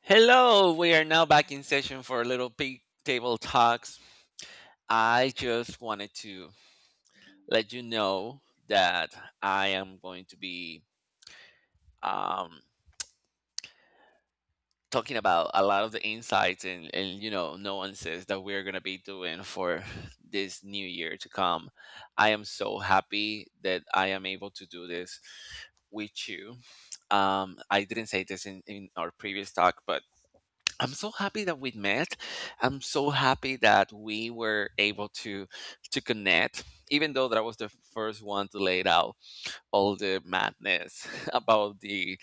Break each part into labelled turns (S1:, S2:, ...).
S1: Hello, we are now back in session for a little big table talks. I just wanted to let you know that I am going to be um, talking about a lot of the insights and nuances that we're going to be doing for this new year to come. I am so happy that I am able to do this with you. I didn't say this in our previous talk, but I'm so happy that we met. I'm so happy that we were able to connect, even though that I was the first one to lay out all the madness about the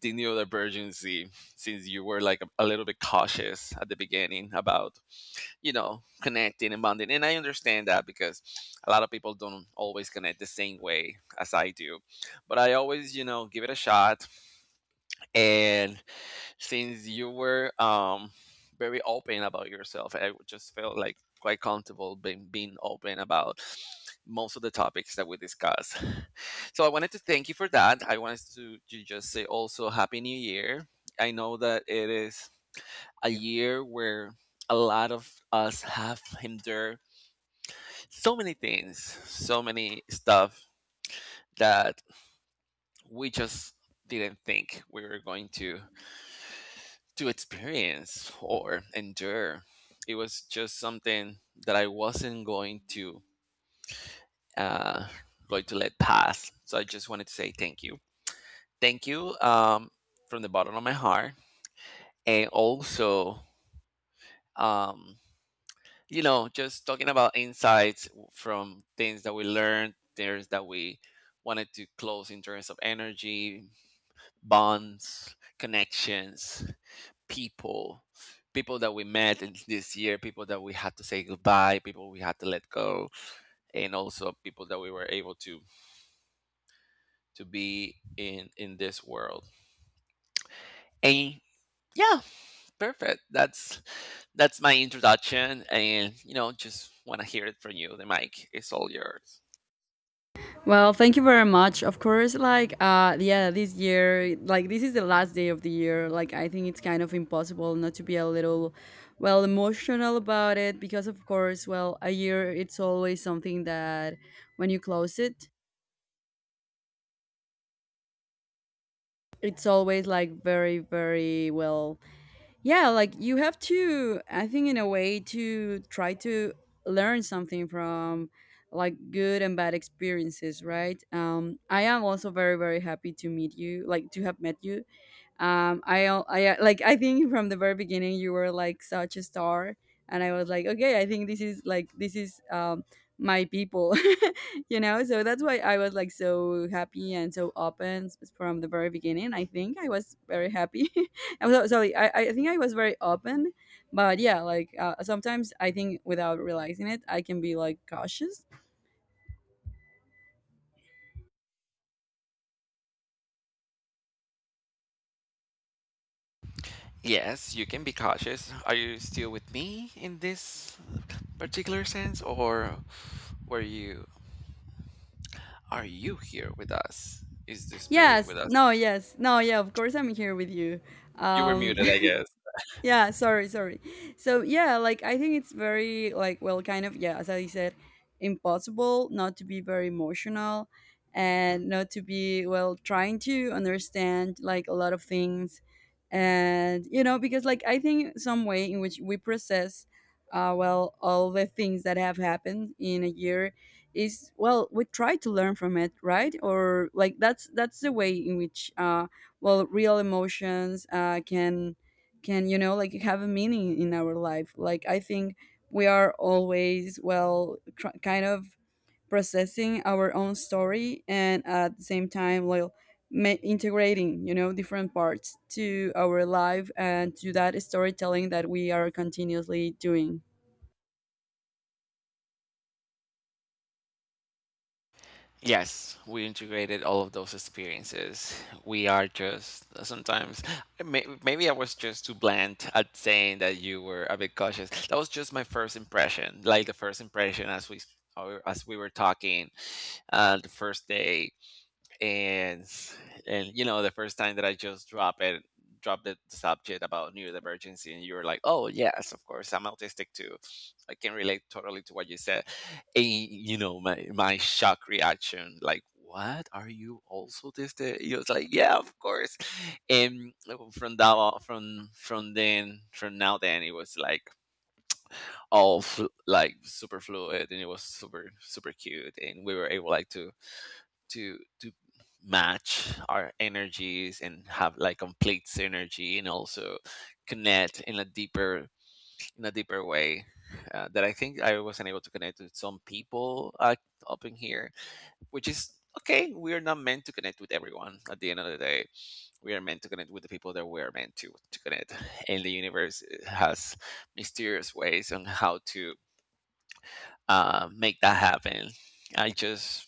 S1: the neurodivergency, since you were like a little bit cautious at the beginning about connecting and bonding, and I understand that because a lot of people don't always connect the same way as I do, but I always give it a shot and since you were very open about yourself, I would just felt like quite comfortable being open about most of the topics that we discussed. So I wanted to thank you for that. I wanted to just say also happy new year. I know that it is a year where a lot of us have endured so many things, so many stuff that we just didn't think we were going to experience or endure. It was just something that I wasn't going to uh, going to let pass. So I just wanted to say thank you, thank you, from the bottom of my heart, and also um, just talking about insights, from things that we learned, things that we wanted to close in terms of energy, bonds, connections. People, people that we met in this year, people that we had to say goodbye, people we had to let go, and also people that we were able to be in this world. And yeah, perfect. That's my introduction, and just want to hear it from you. The mic is all yours.
S2: Well, thank you very much. Of course, this year, like this is the last day of the year. Like I think it's kind of impossible not to be a little emotional about it because of course, well, a year it's always something that when you close it, it's always like very like you have to I think in a way to try to learn something from like good and bad experiences, right. I am also very happy to meet you, like to have met you. I al- I Like I think from the very beginning you were like such a star and I was like, okay, I think this is like this is my people. You know, so that's why I was like so happy and from the very beginning I think I was very happy. I'm so sorry. I think I was very open, but yeah, sometimes I think without realizing it, I can be like cautious.
S1: Yes, you can be cautious. Are you still with me in this particular sense, or were you, are you here with us? Is the spirit
S2: Yes,
S1: with us?
S2: no, yes, no, yeah. Of course, I'm here with you.
S1: You were
S2: Um,
S1: muted, I guess.
S2: yeah, sorry, sorry. So yeah, like I think it's very like kind of yeah, as I said, impossible not to be very emotional and not to be trying to understand like a lot of things. And you know, because like I think some way in which we process all the things that have happened in a year is we try to learn from it, right? Or like that's the way in which real emotions can you know, like have a meaning in our life. Like I think we are always kind of processing our own story, and at the same time, integrating, you know, different parts to our life and to that storytelling that we are continuously doing.
S1: Yes, we integrated all of those experiences. We are just sometimes, maybe I was just too blunt at saying that you were a bit cautious. That was just my first impression, like the first impression as we, or as we were talking the first day. and and the first time that I just drop it, drop the subject about neurodivergency, and you were like, oh yes, of course, I'm autistic too, I can relate totally to what you said. And you know, my shock reaction, like, what, are you also autistic? He was like, yeah, of course. And oh, from that on- from then from now then it was like all like super fluid, and it was super super cute, and we were able like to match our energies and have like complete synergy, and also connect in a deeper, in a deeper way that I think I wasn't able to connect with some people up in here, which is okay. We are not meant to connect with everyone. At the end of the day, we are meant to connect with the people that we are meant to connect. And the universe has mysterious ways on how to make that happen. I just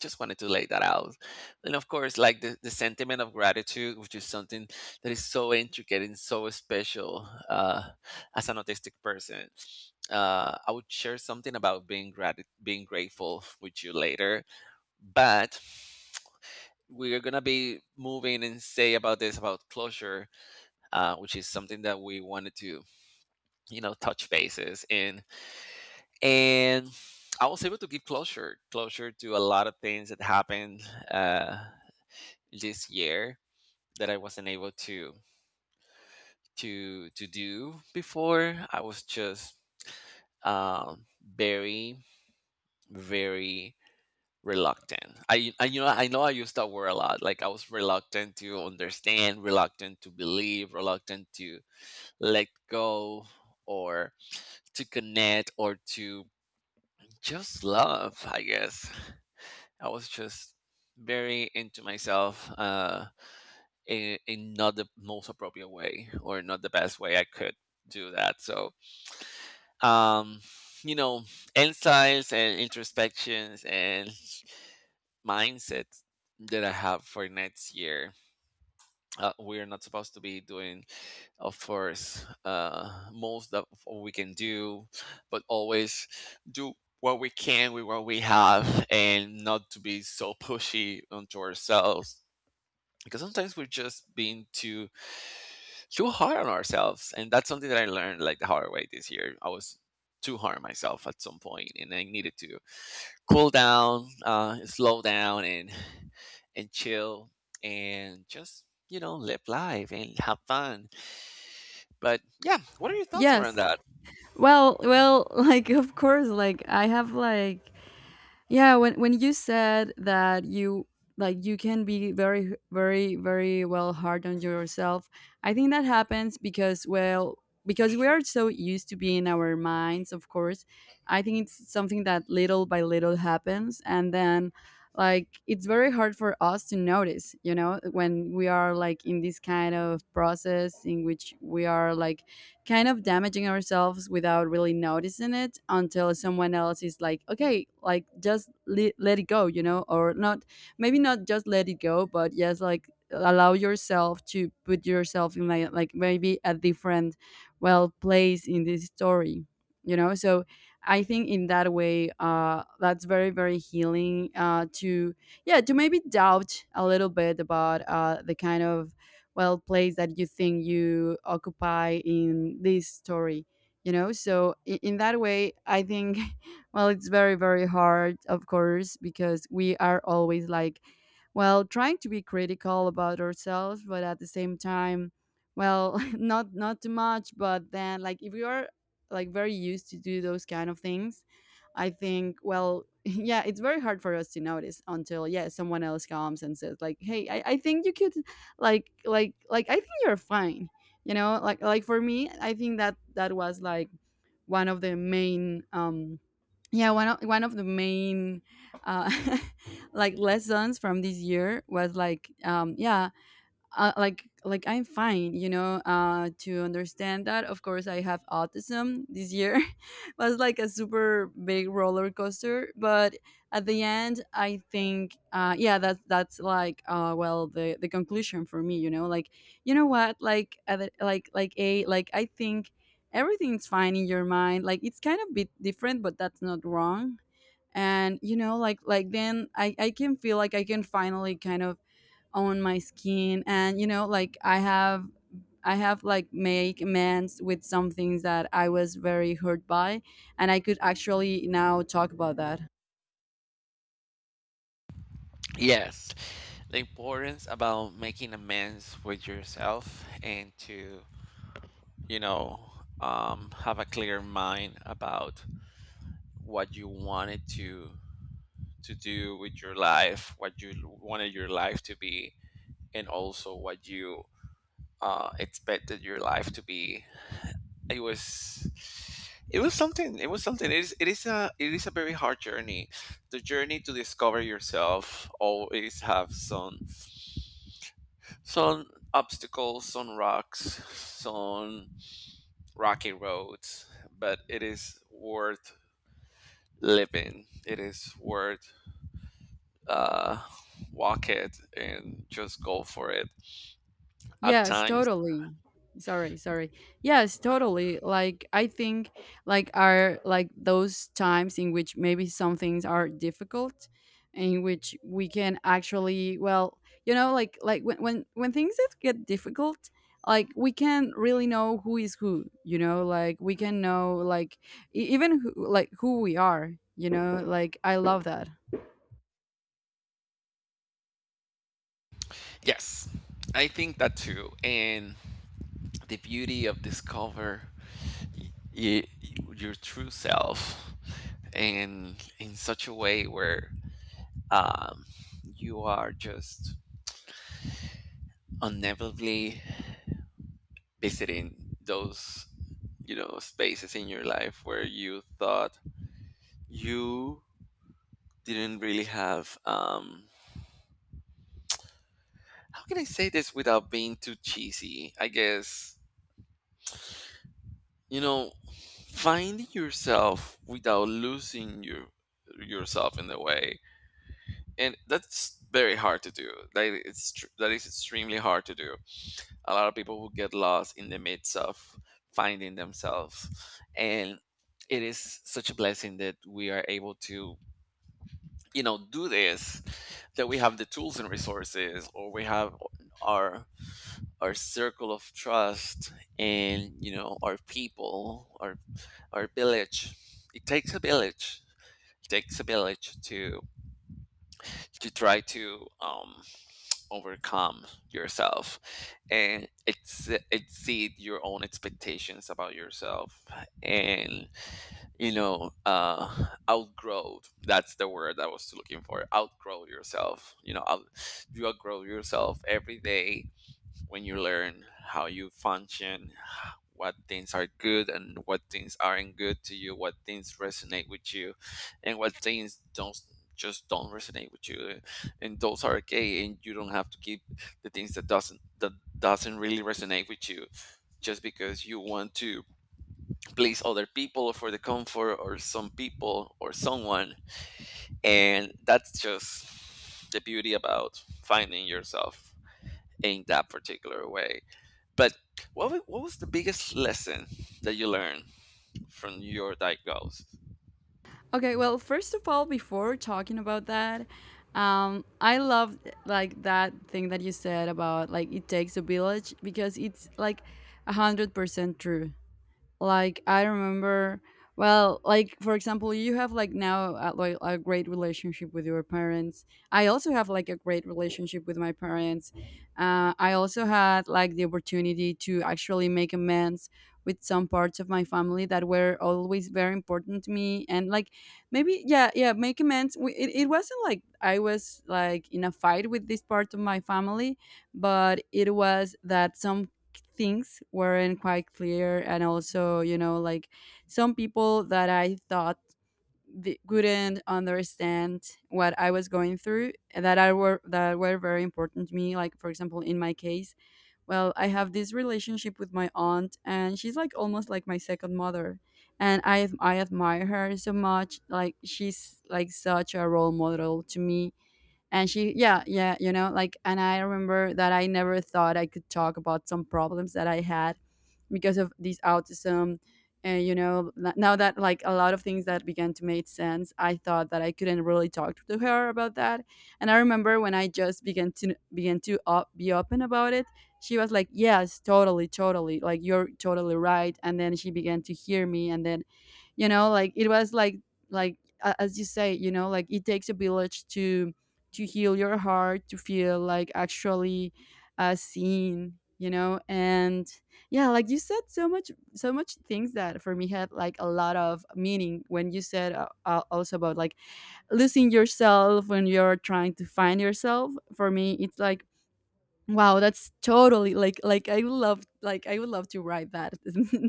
S1: just wanted to lay that out. And of course, like the sentiment of gratitude, which is something that is so intricate and so special as an autistic person. I would share something about being being grateful with you later, but we're gonna be moving and say about this, about closure, which is something that we wanted to touch bases in. And I was able to give closure, closure to a lot of things that happened. Uh, this year that I wasn't able to do before. I was just um, very, very reluctant. I I know I used that word a lot. Like, I was reluctant to understand, reluctant to believe, reluctant to let go, or to connect, or to just love. I guess I was just very into myself. In not the most appropriate way, or not the best way I could do that. So, um, you know, insights and introspections and mindsets that I have for next year. We're not supposed to be doing, of course, most of what we can do, but always do what we can with what we have, and not to be so pushy onto ourselves, because sometimes we're just being too hard on ourselves. And that's something that I learned like the hard way this year. I was too hard on myself at some point, and I needed to cool down, uh, slow down, and chill, and just live life and have fun. But yeah, what are your thoughts
S2: Yes.
S1: around that?
S2: Well, like of course, like I have like yeah, when you said that you like you can be very hard on yourself, I think that happens because because we are so used to being our minds, of course. I think it's something that little by little happens, and then like it's very hard for us to notice, you know, when we are like in this kind of process in which we are like kind of damaging ourselves without really noticing it until someone else is like, okay, let it go, you know? Or not, maybe not just let it go, but yes, like allow yourself to put yourself in like maybe a different place in this story, you know? So I think in that way, that's very healing, to yeah, to maybe doubt a little bit about the kind of place that you think you occupy in this story, you know? So in that way I think it's very hard, of course, because we are always like trying to be critical about ourselves, but at the same time, not too much. But then like if you are like very used to do those kind of things, I think yeah, it's very hard for us to notice until yeah, someone else comes and says like, hey, I think you could I think you're fine, you know? For me, I think that that was like one of the main yeah, one of the main uh like lessons from this year was like, yeah, I'm fine, you know? To understand that of course I have autism. This year was like a super big roller coaster, but at the end I think yeah, that's like the conclusion for me, you know? Like, you know what, like at the- like a like I think everything's fine in your mind, like it's kind of bit different, but that's not wrong. And you know, then I can feel like I can finally kind of on my skin, and you know, like I have, I have like make amends with some things that I was very hurt by, and I could actually now talk about that.
S1: Yes, the importance about making amends with yourself, and to you know have a clear mind about what you wanted to do with your life, what you wanted your life to be, and also what you expected your life to be. It was it was something. It was something. It is a very hard journey. The journey to discover yourself always have some obstacles, some rocks, some rocky roads, but it is worth living. It is worth uh, walk it and just go for it at
S2: Yes,
S1: times.
S2: totally. Sorry, sorry. Yes, totally. Like I think like are like those times in which maybe some things are difficult, in which we can actually you know, like when when things that get difficult, like we can really know who is who, you know? Like we can know like like who we are, you know? Like I love that.
S1: Yes, I think that too. And the beauty of discover y- y- your true self, and in such a way where um, you are just unnevitably visiting those spaces in your life where you thought you didn't really have. How can I say this without being too cheesy? I guess, you know, finding yourself without losing your, yourself in the way, and that's very hard to do. That is extremely hard to do. A lot of people who get lost in the midst of finding themselves, and it is such a blessing that we are able to do this, that we have the tools and resources, or we have our our circle of trust, and our people, our village. It takes a village. It takes a village to try to overcome yourself, and exceed your own expectations about yourself. And outgrow, that's the word I was looking for, outgrow yourself, you outgrow yourself every day when you learn how you function, what things are good and what things aren't good to you, what things resonate with you, and what things don't just don't resonate with you. And those are okay, and you don't have to keep the things that doesn't really resonate with you, just because you want to please other people, for the comfort or some people or someone. And that's just the beauty about finding yourself in that particular way. But what was the biggest lesson that you learned from your diagnosis?
S2: Okay, well, first of all, before talking about that, I love like that thing that you said about like it takes a village, because it's like 100% true. Like I remember like for example, you have like now like a great relationship with your parents. I also have like a great relationship with my parents. I also had like the opportunity to actually make amends with some parts of my family that were always very important to me. And like maybe yeah make amends. It, it wasn't like I was like in a fight with this part of my family, but it was that some things weren't quite clear. And also, you know, like some people that I thought couldn't understand what I was going through, that were very important to me. Like for example, in my case, I have this relationship with my aunt, and she's like almost like my second mother. And I admire her so much. Like she's like such a role model to me. And she, yeah, yeah, you know? Like, and I remember that I never thought I could talk about some problems that I had because of this autism. And you know, now that like a lot of things that began to make sense, I thought that I couldn't really talk to her about that. And I remember when I just began to be open about it, she was like, yes, totally, like you're totally right. And then she began to hear me. And then, you know, like it was like as you say, you know, like it takes a village to heal your heart, to feel like actually seen, you know. And yeah, like you said so much things that for me had like a lot of meaning when you said, also about like losing yourself when you're trying to find yourself. For me, it's like, wow, that's totally like I would love, like I would love to write that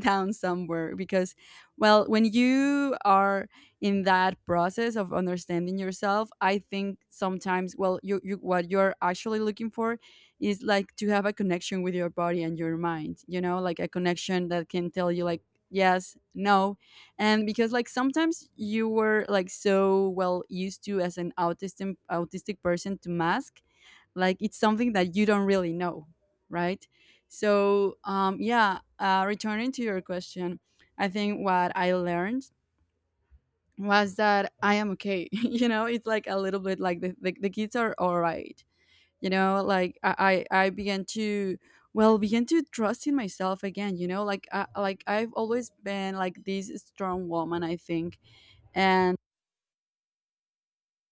S2: down somewhere. Because when you are in that process of understanding yourself, I think sometimes you what you're actually looking for is like to have a connection with your body and your mind, you know? Like a connection that can tell you like yes, no. And because like sometimes you were like so used to as an autistic person to mask, like it's something that you don't really know, right? So yeah, returning to your question, I think what I learned was that I am okay. You know, it's like a little bit like the kids are all right, you know? Like I began to began to trust in myself again, you know? Like I've always been like this strong woman, I think. and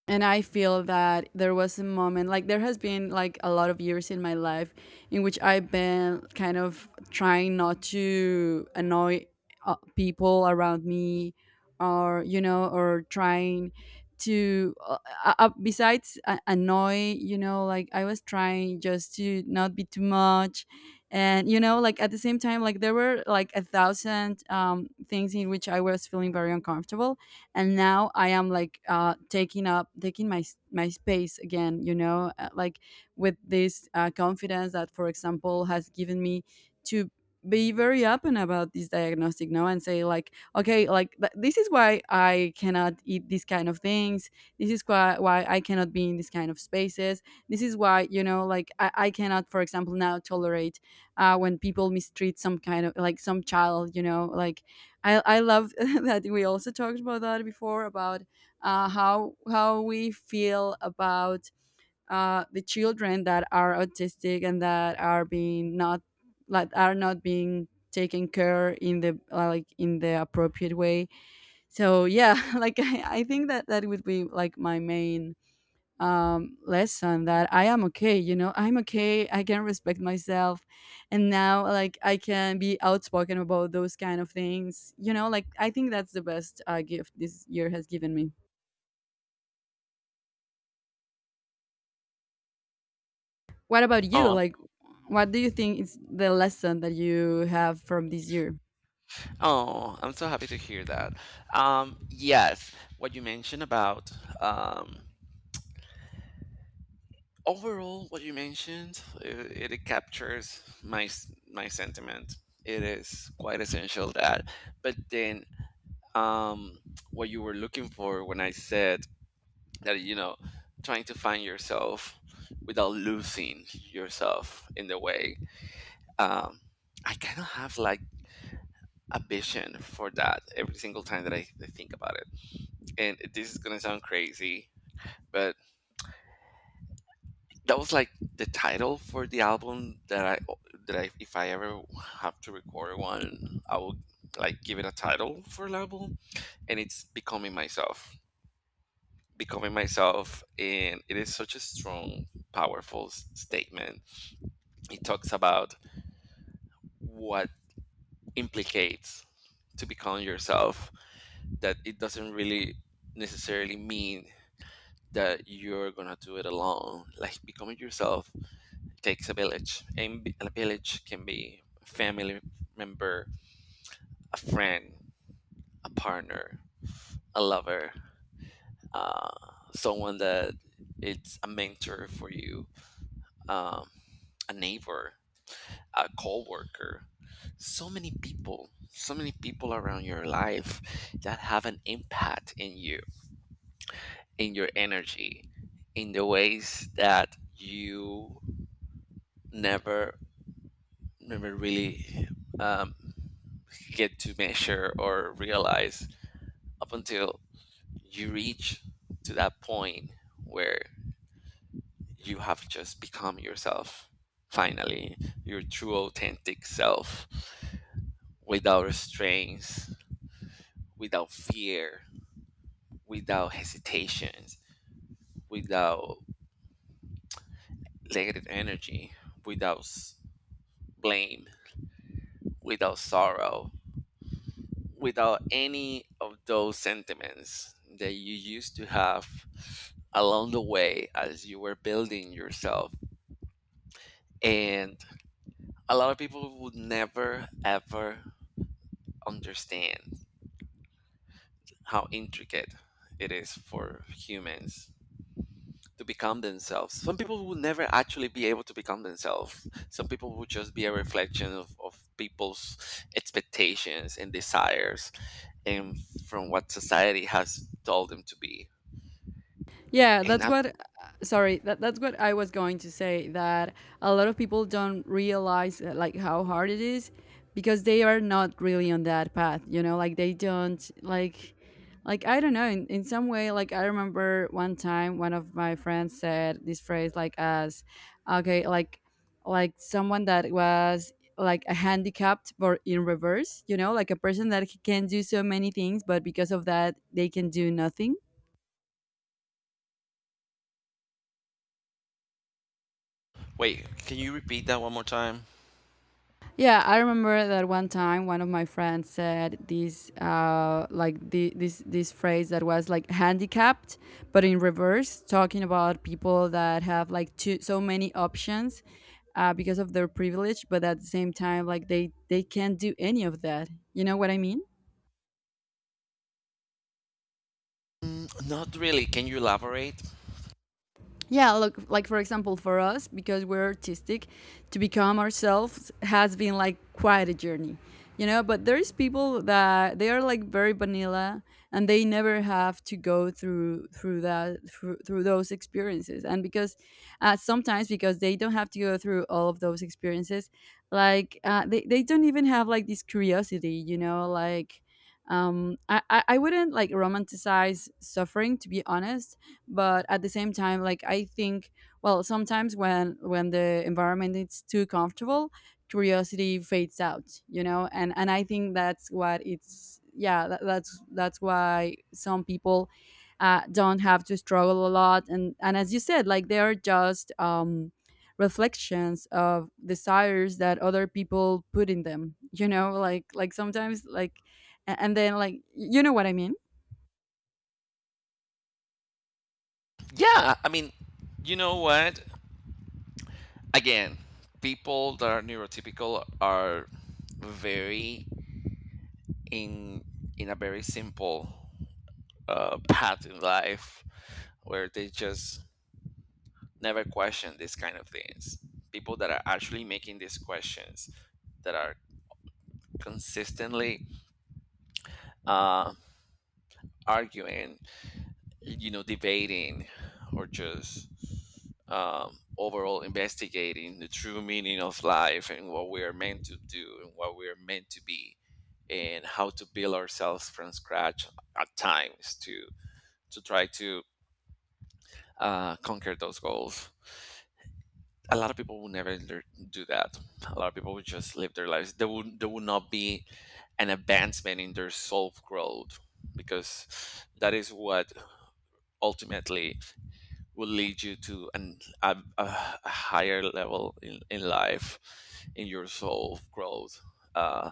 S2: and I feel that there was a moment, like there has been like a lot of years in my life in which I've been kind of trying not to annoy people around me. Or you know, or trying to besides annoy, you know? Like I was trying just to not be too much. And you know, like at the same time, like there were like a thousand things in which I was feeling very uncomfortable. And now I am like taking my space again, you know? Like with this confidence that for example has given me to be very open about this diagnostic now and say like, okay, this is why I cannot eat these kind of things, this is why I cannot be in these kind of spaces, this is why, you know? Like I cannot for example now tolerate when people mistreat some kind of like some child, you know? Like I love that we also talked about that before, about how we feel about the children that are autistic and that are being not, like are not being taken care in the like in the appropriate way. So yeah, like I think that that would be like my main lesson that I am okay, you know, I'm okay, I can respect myself. And now, like, I can be outspoken about those kind of things, you know, like, I think that's the best gift this year has given me. What about you?
S1: Oh, I'm,
S2: Like, what do you think is the lesson that you have from this year?
S1: oh, I'm so happy to hear that. Yes, what you mentioned about, um, overall, what you mentioned, it captures my sentiment. It is quite essential that. But then, um, what you were looking for when I said that, you know, trying to find yourself without losing yourself in the way. Um, I kind of have like a vision for that every single time that I think about it. And this is gonna sound crazy, but that was like the title for the album that I, if I ever have to record one, I will like give it a title for an album, and it's becoming myself. Becoming myself, and it is such a strong, powerful statement. It talks about what implicates to become yourself, that it doesn't really necessarily mean that you're gonna do it alone. Like becoming yourself takes a village, and a village can be a family member, a friend, a partner, a lover, uh, someone that it's a mentor for you, um, a neighbor, a co-worker. So many people around your life that have an impact in you, in your energy, in the ways that you never never really um, get to measure or realize up until you reach to that point where you have just become yourself, finally, your true authentic self, without restraints, without fear, without hesitations, without negative energy, without blame, without sorrow, without any of those sentiments that you used to have along the way as you were building yourself. And a lot of people would never ever understand how intricate it is for humans to become themselves. Some people would never actually be able to become themselves. Some people would just be a reflection of people's expectations and desires and from what society has told them to be.
S2: Yeah,
S1: And
S2: that's
S1: I'm—
S2: what. Sorry, that's what I was going to say. That a lot of people don't realize like how hard it is because they are not really on that path. You know, like they don't like I don't know. In some way, like I remember one time one of my friends said this phrase like as, okay, like someone that was like a handicapped but in reverse. You know, like a person that can do so many things, but because of that they can do nothing.
S1: Wait, can you repeat that one more time?
S2: Yeah, I remember that one time one of my friends said this, like this phrase that was like handicapped, but in reverse, talking about people that have like too, so many options because of their privilege, but at the same time, like they can't do any of that. You know what I mean?
S1: Mm, not really. Can you elaborate?
S2: Yeah, look, like for example for us because we're artistic, to become ourselves has been like quite a journey, you know, but there's people that they are like very vanilla and they never have to go through that through those experiences, and because sometimes because they don't have to go through all of those experiences, like they don't even have like this curiosity, you know, like I I wouldn't like romanticize suffering, to be honest. But at the same time, like I think, well, sometimes when the environment is too comfortable, curiosity fades out, you know. And I think that's what it's, yeah, that's that's why some people don't have to struggle a lot. And as you said, like they are just reflections of desires that other people put in them, you know, like sometimes like and then like, you know what I mean.
S1: Yeah, I mean, you know what? Again, people that are neurotypical are very in in a very simple path in life where they just never question these kind of things. People that are actually making these questions, that are consistently uh, arguing, you know, debating, or just overall investigating the true meaning of life and what we are meant to do and what we are meant to be and how to build ourselves from scratch, at times to try to conquer those goals. A lot of people will never lear- do that. A lot of people will just live their lives. There will— there will not be an advancement in their self growth, because that is what ultimately will lead you to an, a higher level in life, in your soul growth. Uh,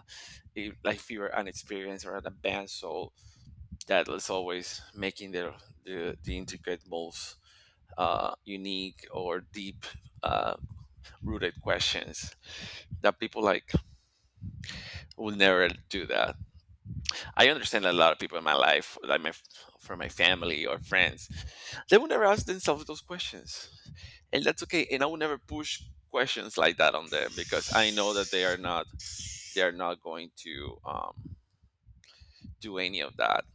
S1: if, like if you're an experienced or an advanced soul, that is always making the intricate, most unique or deep uh, rooted questions, that people like will never do that. I understand a lot of people in my life, like my from my family or friends, they will never ask themselves those questions, and that's okay, and I will never push questions like that on them, because I know that they are not going to do any of that,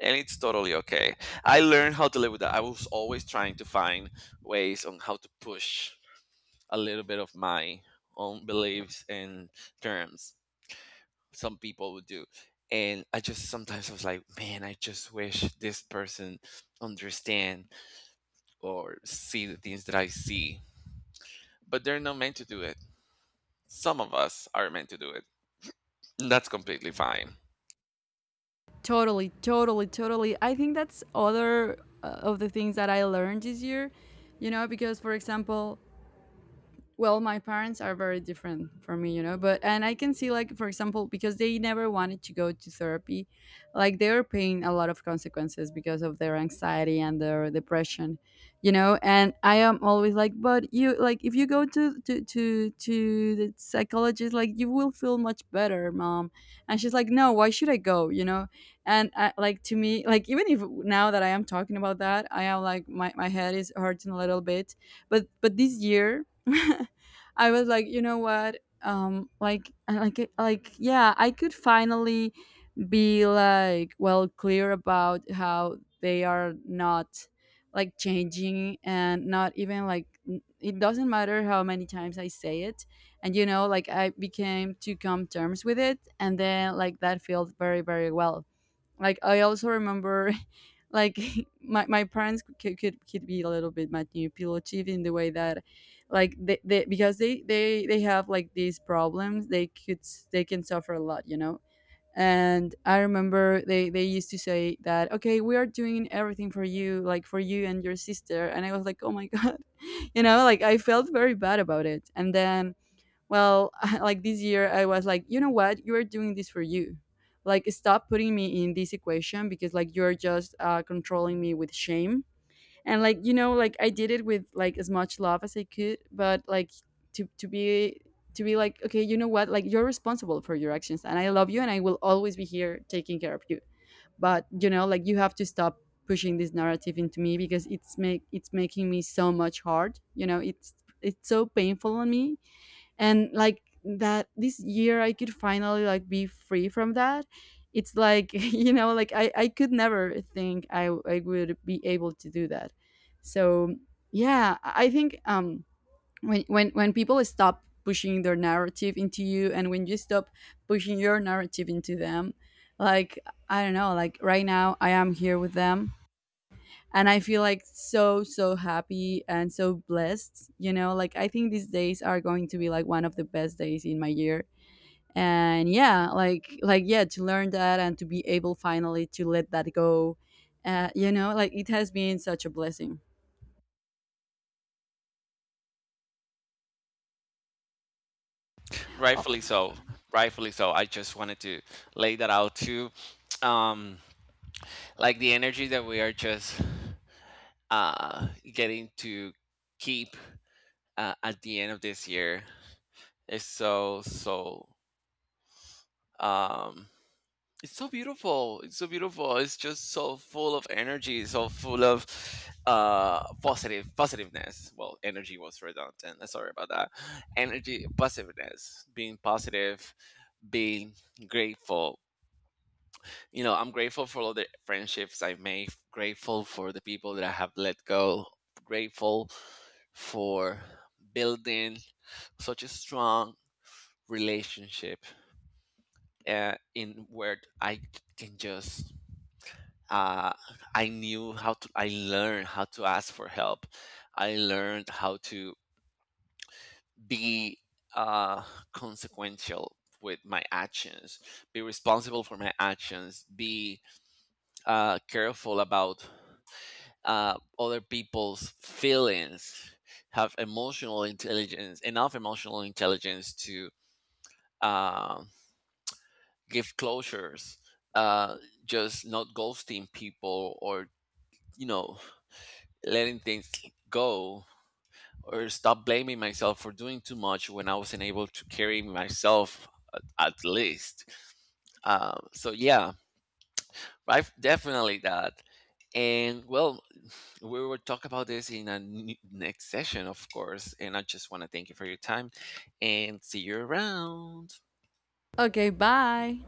S1: and it's totally okay. I learned how to live with that. I was always trying to find ways on how to push a little bit of my own beliefs and terms some people would do. And I just sometimes I was like, man, I just wish this person understand or see the things that I see, but they're not meant to do it. Some of us are meant to do it. And that's completely fine.
S2: Totally, totally, totally. I think that's other of the things that I learned this year, you know, because for example, well, my parents are very different from me, you know, but and I can see like for example because they never wanted to go to therapy, like they were paying a lot of consequences because of their anxiety and their depression, you know, and I am always like, but you, like if you go to the psychologist like you will feel much better, mom. And she's like, "No, why should I go?" you know? And I, like to me, like even if now that I am talking about that, I am like my head is hurting a little bit, but this year I was like, you know what? Like, yeah, I could finally be like, well, clear about how they are not like changing and not even like it doesn't matter how many times I say it. And you know, like, I became to come terms with it, and then like that feels very, very well. Like I also remember like my parents could, could be a little bit manipulative in the way that like they because they have like these problems, they could they can suffer a lot, you know. And I remember they used to say that, okay, we are doing everything for you, like for you and your sister, and I was like, oh my god, you know, like I felt very bad about it. And then, well, like this year I was like, you know what, you are doing this for you, like stop putting me in this equation, because like you're just controlling me with shame. And like, you know, like I did it with like as much love as I could, but like to to be to be like, okay, you know what, like you're responsible for your actions, and I love you, and I will always be here taking care of you, but you know, like you have to stop pushing this narrative into me, because it's making me so much hard, you know, it's so painful on me. And like that this year I could finally like be free from that. It's like you know, like I could never think I would be able to do that. So yeah, I think when when people stop pushing their narrative into you, and when you stop pushing your narrative into them, like I don't know, like right now I am here with them and I feel like so so happy and so blessed, you know, like I think these days are going to be like one of the best days in my year. And yeah, like yeah, to learn that and to be able finally to let that go, you know, like it has been such a blessing. O-
S1: Rightfully so. Rightfully so. I just wanted to lay that out too. Um, like the energy that we are just uh, getting to keep at the end of this year is so, so, um, it's so beautiful. It's so beautiful. It's just so full of energy, so full of positive positiveness. Well, energy was redundant. Sorry about that. Energy positiveness, being positive, being grateful. You know, I'm grateful for all the friendships I've made, grateful for the people that I have let go, grateful for building such a strong relationship in where I can just— uh, I knew how to— I learned how to ask for help. I learned how to be uh, consequential with my actions, be responsible for my actions, be careful about other people's feelings, have emotional intelligence, enough emotional intelligence to uh, give closures, uh, just not ghosting people or, you know, letting things go, or stop blaming myself for doing too much when I wasn't able to carry myself, at least. So yeah, I've definitely that. And well, we will talk about this in a next session, of course. And I just want to thank you for your time and see you around.
S2: okay, bye.